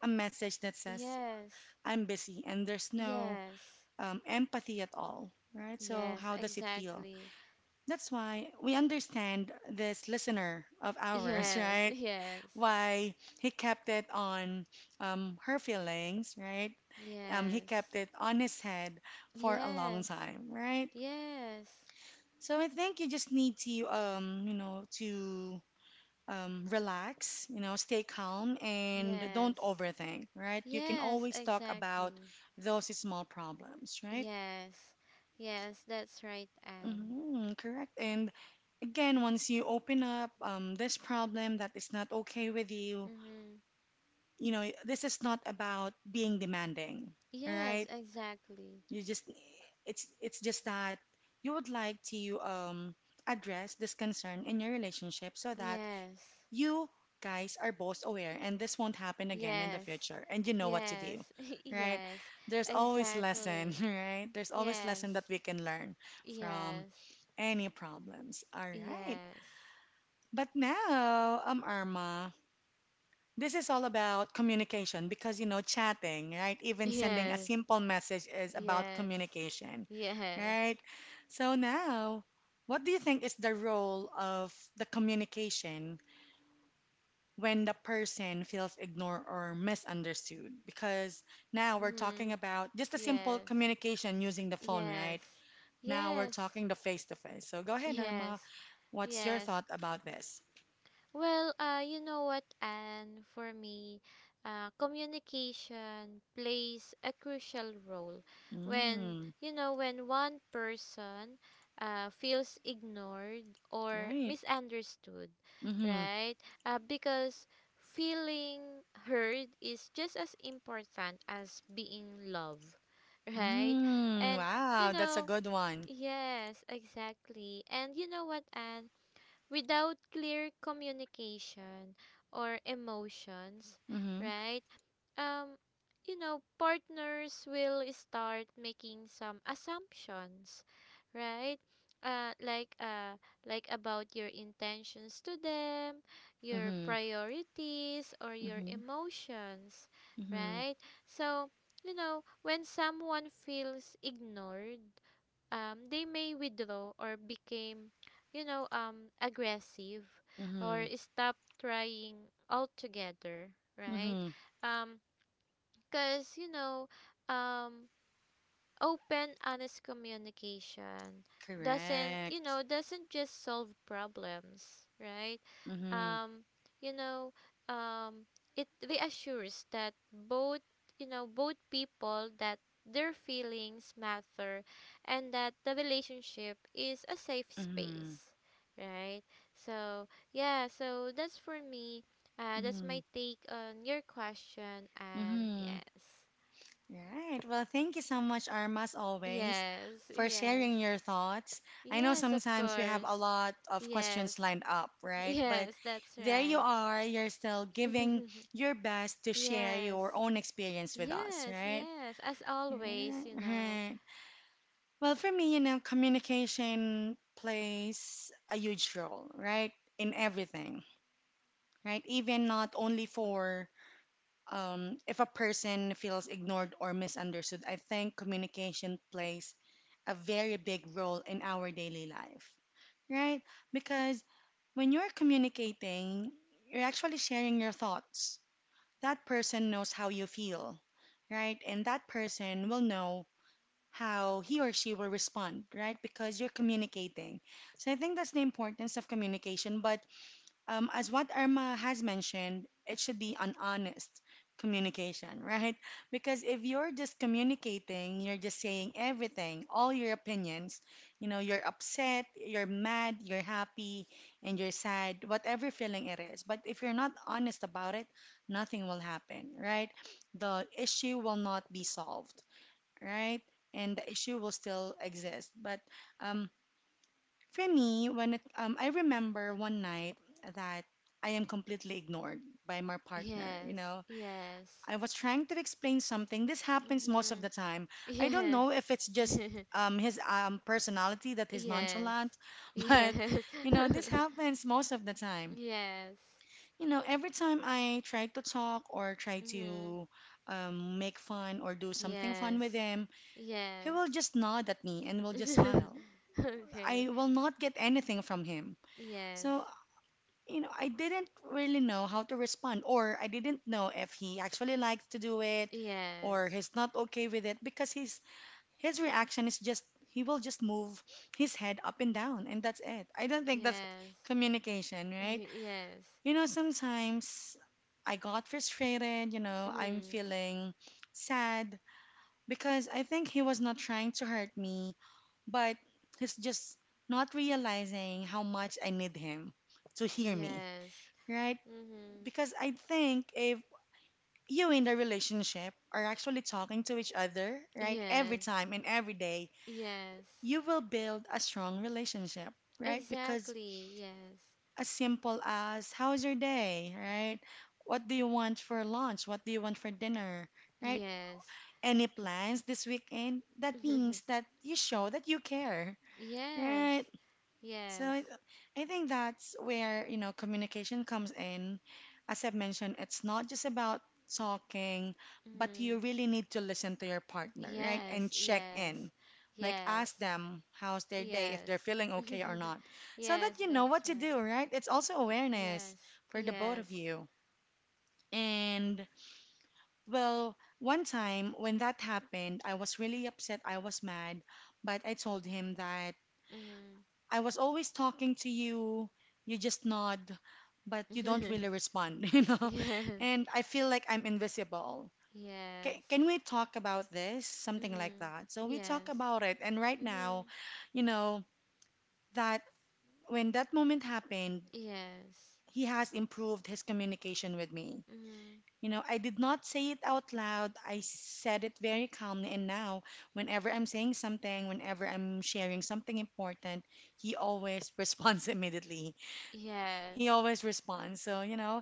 a message that says, yes, I'm busy, and there's no yes, empathy at all, right? So, yes, how does it feel? exactly. That's why we understand this listener of ours, Yes, right? yes, Why he kept it on her feelings, right? He yes, kept it on his head for a long yes, time, right? yes, So I think you just need to, you know, to relax, you know, stay calm and don't yes, overthink, right? You can yes, always talk about exactly. those small problems, right? Yes, yes, that's right, Anne. Hmm, correct. And again, once you open up this problem that is not okay with you, Mm-hmm. you know, this is not about being demanding, all Yes, right? exactly. You just, it's just that you would like to address this concern in your relationship so that Yes, you guys are both aware and this won't happen again in the yes. future and you know what to do, Yes. right? Yes. There's always lesson, Exactly. right, there's always lesson that Yes. we can learn from Yes. any problems, all right? Yes. But now arma, this is all about communication because you know chatting, right? Even sending a Yes. simple message is about Yes. communication, Yes. right? So now what do you think is the role of the communication when the person feels ignored or misunderstood? Because now we're talking Mhm. about just a simple Yes. communication using the phone, Yes. right? Now we're Yes. talking the face to face, so go ahead Irma, Yes. what's your Yes. thought about this? Well, you know what, and for me, communication plays a crucial role. When Mm, you know when one person, feels ignored or right. misunderstood, Mm-hmm. right? Because feeling heard is just as important as being loved, right? Mm, And, you wow, that's a know, good one. yes, exactly. And you know what, Anne? Without clear communication or emotions, Mm-hmm. right? um Partners will start making some assumptions, right? uh like uh about your intentions to them, your Mm-hmm. priorities, or your Mm-hmm. emotions, Mm-hmm. right? So, when someone feels ignored, they may withdraw, or became, aggressive, or Mm-hmm. stop trying altogether, right? Mm-hmm, um because, um, open, honest communication doesn't, you correct. know, doesn't just solve problems, right? Mm-hmm. Um, you know, um, it reassures that both, both people, that their feelings matter and that the relationship is a safe Mm-hmm. space, right? So, yeah, so that's for me. That's Mm-hmm. my take on your question, and Mm-hmm. yes. Right. Well, thank you so much, Arma, as always, Yes, for yes. sharing your thoughts. I know Yes, of sometimes we have a course. lot of questions Yes. lined up, right? But Yes, that's there you right. are. You're still giving your best to share Yes. your own experience with us, Yes, right? yes. As Yeah, always, you know. right. Well, for me, you know, communication plays a huge role, right? In everything, right? Even not only for if a person feels ignored or misunderstood, I think communication plays a very big role in our daily life, right? Because when you're communicating, you're actually sharing your thoughts. That person knows how you feel, right? And that person will know how he or she will respond, right? Because you're communicating. So I think that's the importance of communication. But as what Irma has mentioned, it should be an honest communication, right? Because if you're just communicating, you're just saying everything, all your opinions, you know, you're upset, you're mad, you're happy, and you're sad, whatever feeling it is. But if you're not honest about it, nothing will happen, right? The issue will not be solved, right? And the issue will still exist. But um, for me, I remember one night that I am completely ignored by my partner, you Yes, know, yes. I was trying to explain something. This happens most of Mhm. the time. I don't Yes. know if it's just his personality that he's Yes. nonchalant, but Yes. you know, this happens most of the time. Yes. You know, every time I try to talk or try Mhm. to make fun or do something fun with Yes. him, he will Yes. just nod at me and will just smile. I Okay. will not get anything from him. Yes. So you know, I didn't really know how to respond, or I didn't know if he actually likes to do it or Yes. he's not okay with it because his reaction is just he will just move his head up and down and that's it. I don't think that's Yes. communication, right? Yes. You know, sometimes I got frustrated, you know, I'm Mm-hmm. feeling sad because I think he was not trying to hurt me, but he's just not realizing how much I need him to hear me, Yes. right? Mm-hmm. Because I think if you in the relationship are actually talking to each other, right, every Yes. time and every day, Yes. you will build a strong relationship, right? Because Exactly. Yes. as simple as how's your day, right? What do you want for lunch? What do you want for dinner, right? Yes. Any plans this weekend? That means that you show that you care, right? Yes. So Yes. I think that's where, you know, communication comes in. As I've mentioned, it's not just about talking, but Mm-hmm. you really need to listen to your partner, right? And Yes. check Yes. in. Like Yes. ask them how's their day, if Yes. they're feeling okay or not. So Yes, that you know that's what to do, right. right? It's also awareness Yes. for the both of Yes. you. And well, one time when that happened, I was really upset, I was mad, but I told him that Mm-hmm. I was always talking to you. You just nod, but you don't really respond, you know? Yes. And I feel like I'm invisible. Yes. Can we talk about this? Something like Mm-hmm. that. So we talk Yes. about it. And right now, Mm-hmm. you know, that when that moment happened, Yes. he has improved his communication with me. Mm-hmm. You know, I did not say it out loud. I said it very calmly. And now, whenever I'm saying something, whenever I'm sharing something important, he always responds immediately. He Yes. always responds. So, you know,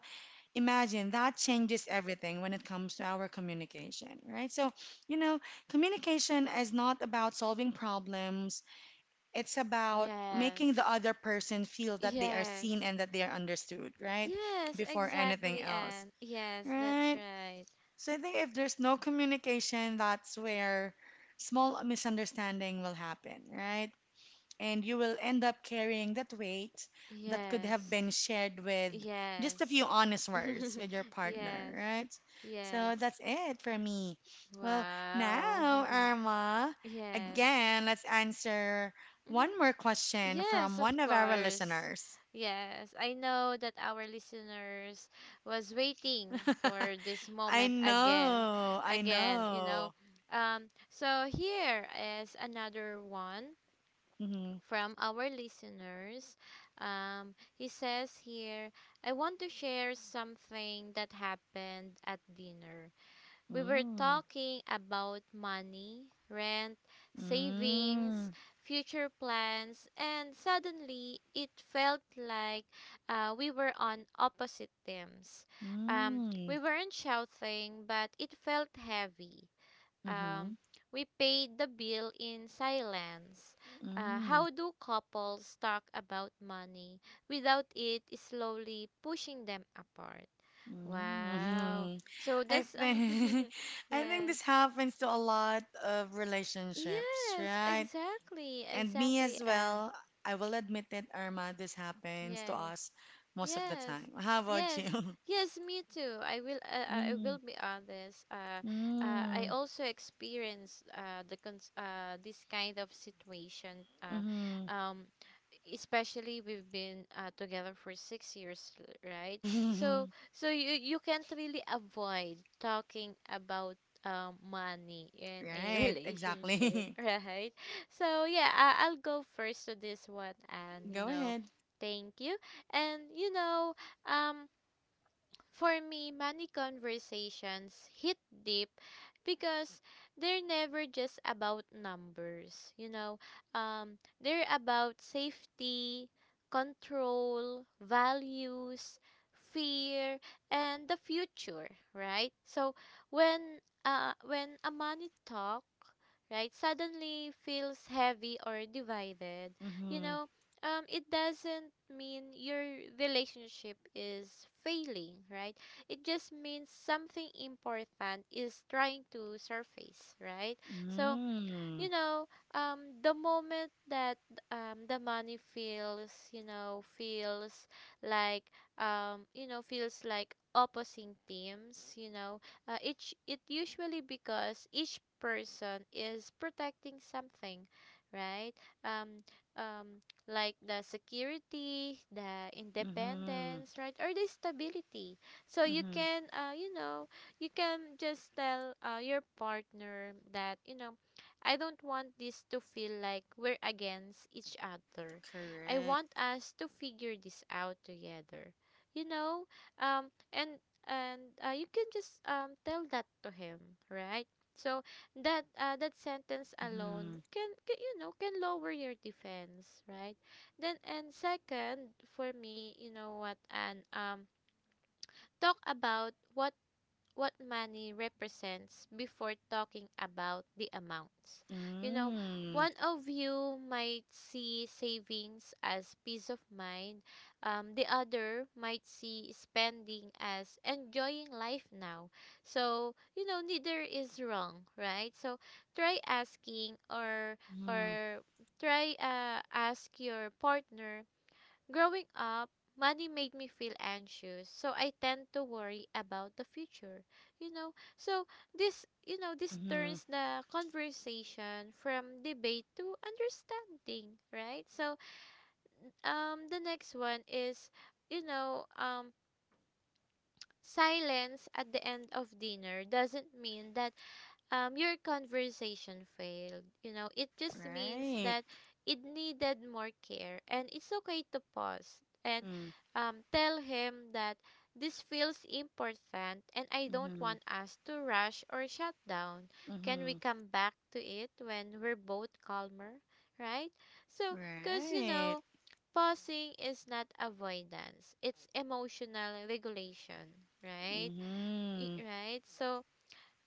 imagine that changes everything when it comes to our communication, right? So, you know, communication is not about solving problems, it's about making the Yes. other person feel that they are seen Yes. and that they are understood, right? Yes, Before anything exactly, else, and yes, that's right? right. So, I think if there's no communication, that's where small misunderstanding will happen, right? And you will end up carrying that weight that could have been Yes. shared with just a Yes. few honest words with your partner, Yes. right? Yes. So that's it for me. Well, Wow. now, Irma, Yes. again, let's answer Mm-hmm. one more question from Yes, of one of our course. listeners. Yes, I know that our listeners was waiting for this I moment again, know, I again. know. So here is another one Mm-hmm. from our listeners. He says here, I want to share something that happened at dinner. We were Mm, talking about money, rent, mm, savings, mm, future plans, and suddenly it felt like, we were on opposite teams. We mm, weren't shouting, but it felt heavy. mm-hmm, Um, we paid the bill in silence. Mm. How do couples talk about money without it slowly pushing them apart? Wow. Mm. So I that's think I think Yes. this happens to a lot of relationships, Yes, right? exactly, And me exactly, as and well. I will admit it, Irma, this happens to yes. us most of the Yes, time. How about yes, you? yes, me too. I Mm, will be honest. I mm, also experienced, this kind of situation. Mm, um, especially we've been, together for 6 years, right? So you can't really avoid talking about money in a right, relationship, exactly. right? So yeah, I'll go first to this one, and Go ahead. thank you, and um, for me, money conversations hit deep because they're never just about numbers. They're about safety, control, values, fear, and the future, right? So when a money talk, right, suddenly feels heavy or divided, you Mm-hmm. know it doesn't mean your relationship is failing, right? It just means something important is trying to surface, right? So Mm, you know, the moment that the money feels like, feels like opposing teams, you know, each it usually because each person is protecting something, right? Um, like the security, the mm-hmm. independence, right, or the stability. So you Mm-hmm. can, uh, you know, you can just tell your partner that I don't want this to feel like we're against each other. I Correct. want us to figure this out together. You know, um, and and you can just tell that to him, right? So that sentence alone Mm-hmm. can lower your defense, right? Then and second, for me, you know what, and talk about what money represents before talking about the amounts. You know, Mm, One of you might see savings as peace of mind, the other might see spending as enjoying life now. So, neither is wrong, right? So, try asking mm-hmm. or try ask your partner, growing up, money made me feel anxious, so I tend to worry about the future. You know, so this Mm-hmm. turns the conversation from debate to understanding, right? So, the next one is, you know, um silence at the end of dinner doesn't mean that your conversation failed. It just means Right. that it needed more care, and it's okay to pause and Mm-hmm. Tell him that this feels important and I don't Mm-hmm. want us to rush or shut down. Can we Mm-hmm. come back to it when we're both calmer? Right? So, because Right. Pausing is not avoidance, it's emotional regulation, right? Mm-hmm. Right? So,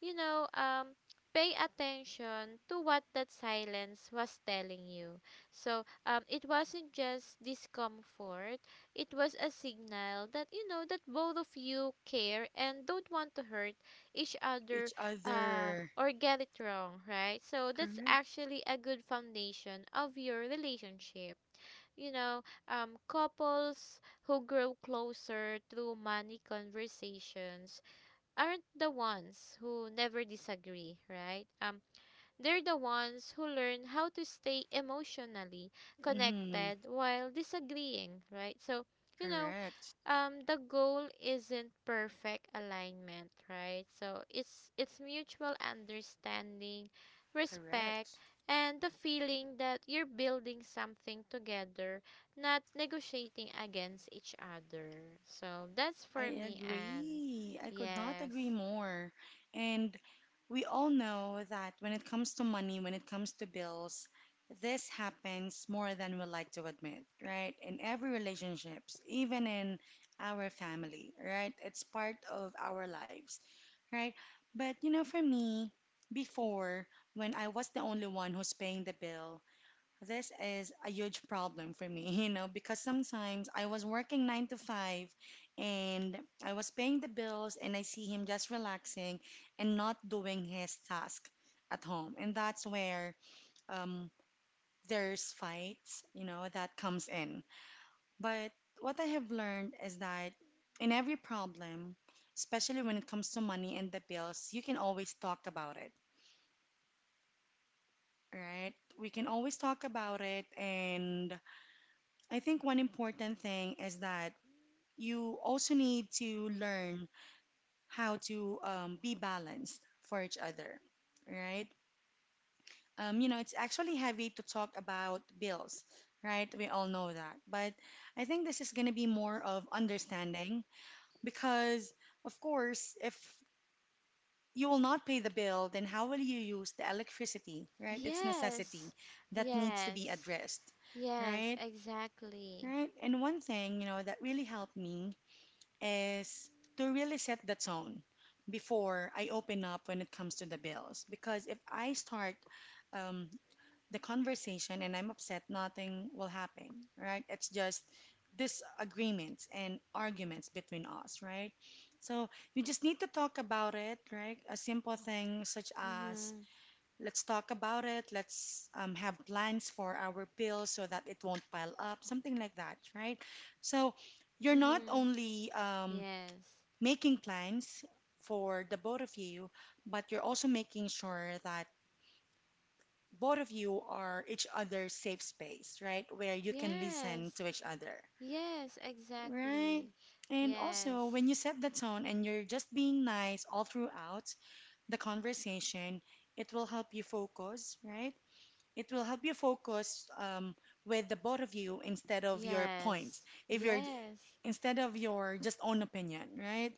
you know, um, pay attention to what that silence was telling you. So it wasn't just discomfort, it was a signal that both of you care and don't want to hurt each other Each other. or get it wrong, right? So that's Correct. actually a good foundation of your relationship. You know, couples who grow closer through money conversations aren't the ones who never disagree, right? They're the ones who learn how to stay emotionally Mm-hmm. connected while disagreeing, right? So, you know, Correct. The goal isn't perfect alignment, right? So it's mutual understanding, respect, Correct. and the feeling that you're building something together, not negotiating against each other. So that's I for me, and agree. I could not agree yes. more. And we all know that when it comes to money, when it comes to bills, this happens more than we like to admit, right? In every relationships, even in our family, right? It's part of our lives, right? But you know, for me, before when I was the only one who's paying the bill, this is a huge problem for me, you know, because sometimes I was working 9 to 5 and I was paying the bills and I see him just relaxing and not doing his task at home. And that's where um, there's fights, you know, that comes in. But what I have learned is that in every problem, especially when it comes to money and the bills, you can always talk about it, right? We can always talk about it and I think one important thing is that you also need to learn how to be balanced for each other, right? You know, it's actually heavy to talk about bills, right? We all know that. But I think this is going to be more of understanding because, of course, if you will not pay the bill, then how will you use the electricity, right? It's necessity Yes, that needs to be yes, addressed, yes, right? exactly. Right. And one thing, you know, that really helped me is to really set the tone before I open up when it comes to the bills. Because if I start um, the conversation and I'm upset, nothing will happen, right? It's just disagreements and arguments between us, right? So you just need to talk about it, right? A simple thing such as Mhm, let's talk about it, let's have plans for our bills so that it won't pile up, something like that, right? So you're not mhm. only Yes, making plans for the both of you, but you're also making sure that both of you are each other's safe space, right? Where you can listen yes, to each other, yes, right? exactly. And also, Yes, when you set the tone and you're just being nice all throughout the conversation, it will help you focus, right? It will help you focus with the both of you instead of your points. yes, If you're yes, instead of your just own opinion, right?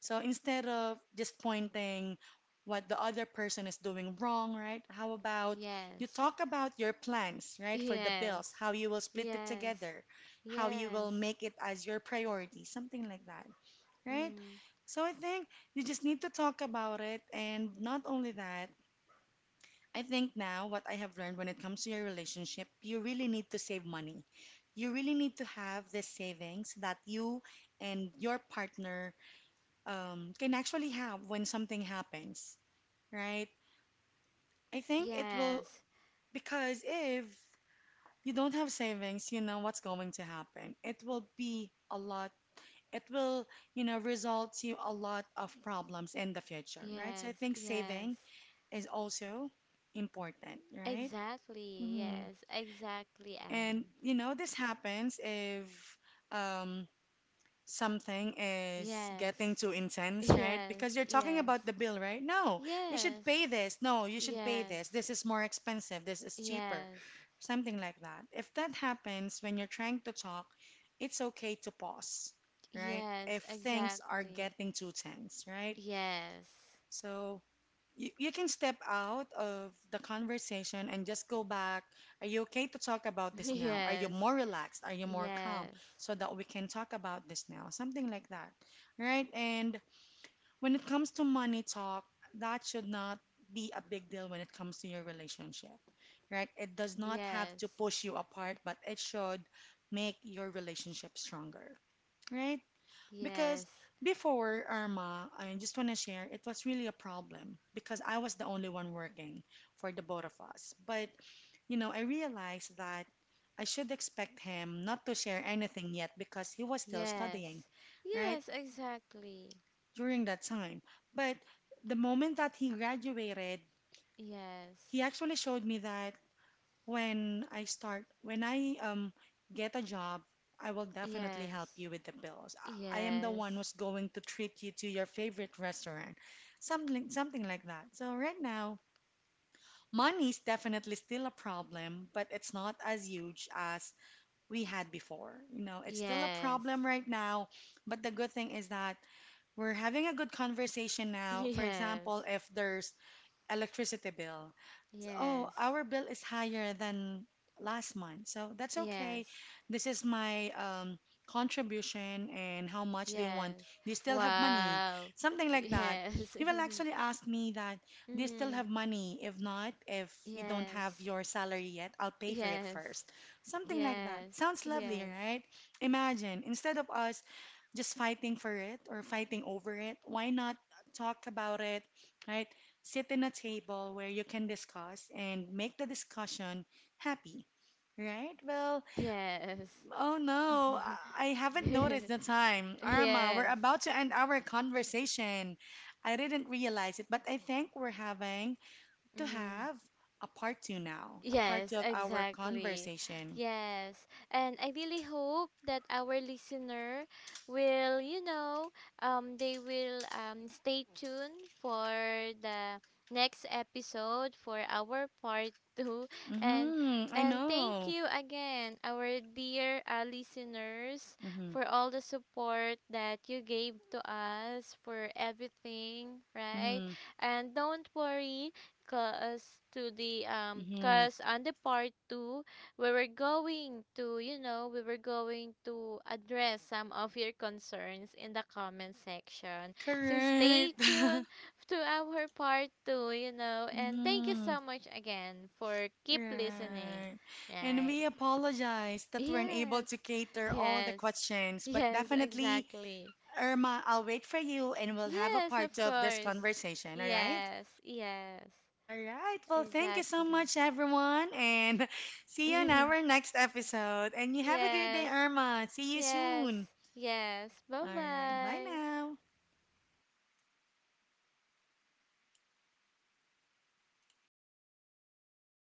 So instead of just pointing what the other person is doing wrong, right? How about you yes, talk about your plans, right, for the yes, bills, how you will split it yes, together, how you will yes, make it as your priority, something like that, right? mm, So I think you just need to talk about it and not only that, I think now what I have learned when it comes to your relationship, you really need to save money. You really need to have the savings that you and your partner can actually have when something happens, right? I think it will, yes, because if you don't have savings, you know what's going to happen. It will be a lot, it will, you know, result to a lot of problems in the future, right? So I yes, think yes. saving is also important, right? Exactly, Mhm. yes, exactly, And Anne. you know, this happens if um, something is Yes, getting too intense, right? yes, Because you're talking yes. about the bill, right? No, you should Yes, pay this. No, you should pay yes, this. This is more expensive. This is cheaper. yes, Something like that. If that happens when you're trying to talk, it's okay to pause, right? yes, If things are exactly. getting too tense, right? Yes, So you can step out of the conversation and just go back. Are you okay to talk about this now? Are you yes, more relaxed? Are you more calm yes, so that we can talk about this now? Something like that, right? And when it comes to money talk, that should not be a big deal when it comes to your relationship, right? It does not have yes, to push you apart, but it should make your relationship stronger, right? Because yes, before Irma, I just want to share, it was really a problem because I was the only one working for the both of us. But, you know, I realized that I should expect him not to share anything yet because he was still studying, yes, right, yes, exactly. during that time. But the moment that he graduated, Yes, he actually showed me that When I get a job, I will definitely help yes, you with the bills. I am the yes, one who's going to treat you to your favorite restaurant. Something like that. So right now, money is definitely still a problem, but it's not as huge as we had before. You know, it's still a yes, problem right now, but the good thing is that we're having a good conversation now. For yes, example, if there's electricity bill, oh, yes, our bill is higher than last month. So that's okay. yes, This is my contribution and how much do you want? yes. Do you still have money? Wow. Something like that. Yes. He will actually ask me that, do you still Mhm. have money? If not, if you don't have Yes. your salary yet, I'll pay for it Yes. first. Something like that. Yes, Sounds lovely, yes, right? Imagine, instead of us just fighting for it or fighting over it, why not talk about it, right? Sit in a table where you can discuss and make the discussion happy. Right? Well, yes, oh no, I haven't noticed the time. Arma, we're yes. about to end our conversation. I didn't realize it, but I think we're having to Mm-hmm. have a part 2 now, a part Yes, two of our exactly. conversation. Yes. And I really hope that our listener will, you know, they will stay tuned for the next episode for our part 2, and Mm-hmm, I and thank know. you again, our dear listeners, Mm-hmm, for all the support that you gave to us for everything, right? mm-hmm, And don't worry, mm-hmm. cause on the part two we were going to you know we were going to address some of your concerns in the comment section, so stay Correct. tuned to our part two, and thank you Mm-hmm. so much again for keep listening, Right. And right. we apologize that we're unable Yes, to cater all the yes, questions, but yes, definitely, exactly. Irma, I'll wait for you and we'll have a Yes, part of of this course. conversation, all right? Yes, yes, All right. Well, thank you so exactly. much, everyone, and see you in our next episode. And you have a great day, Yes, Irma. See you yes, soon. yes. Bye All right. Bye bye. now.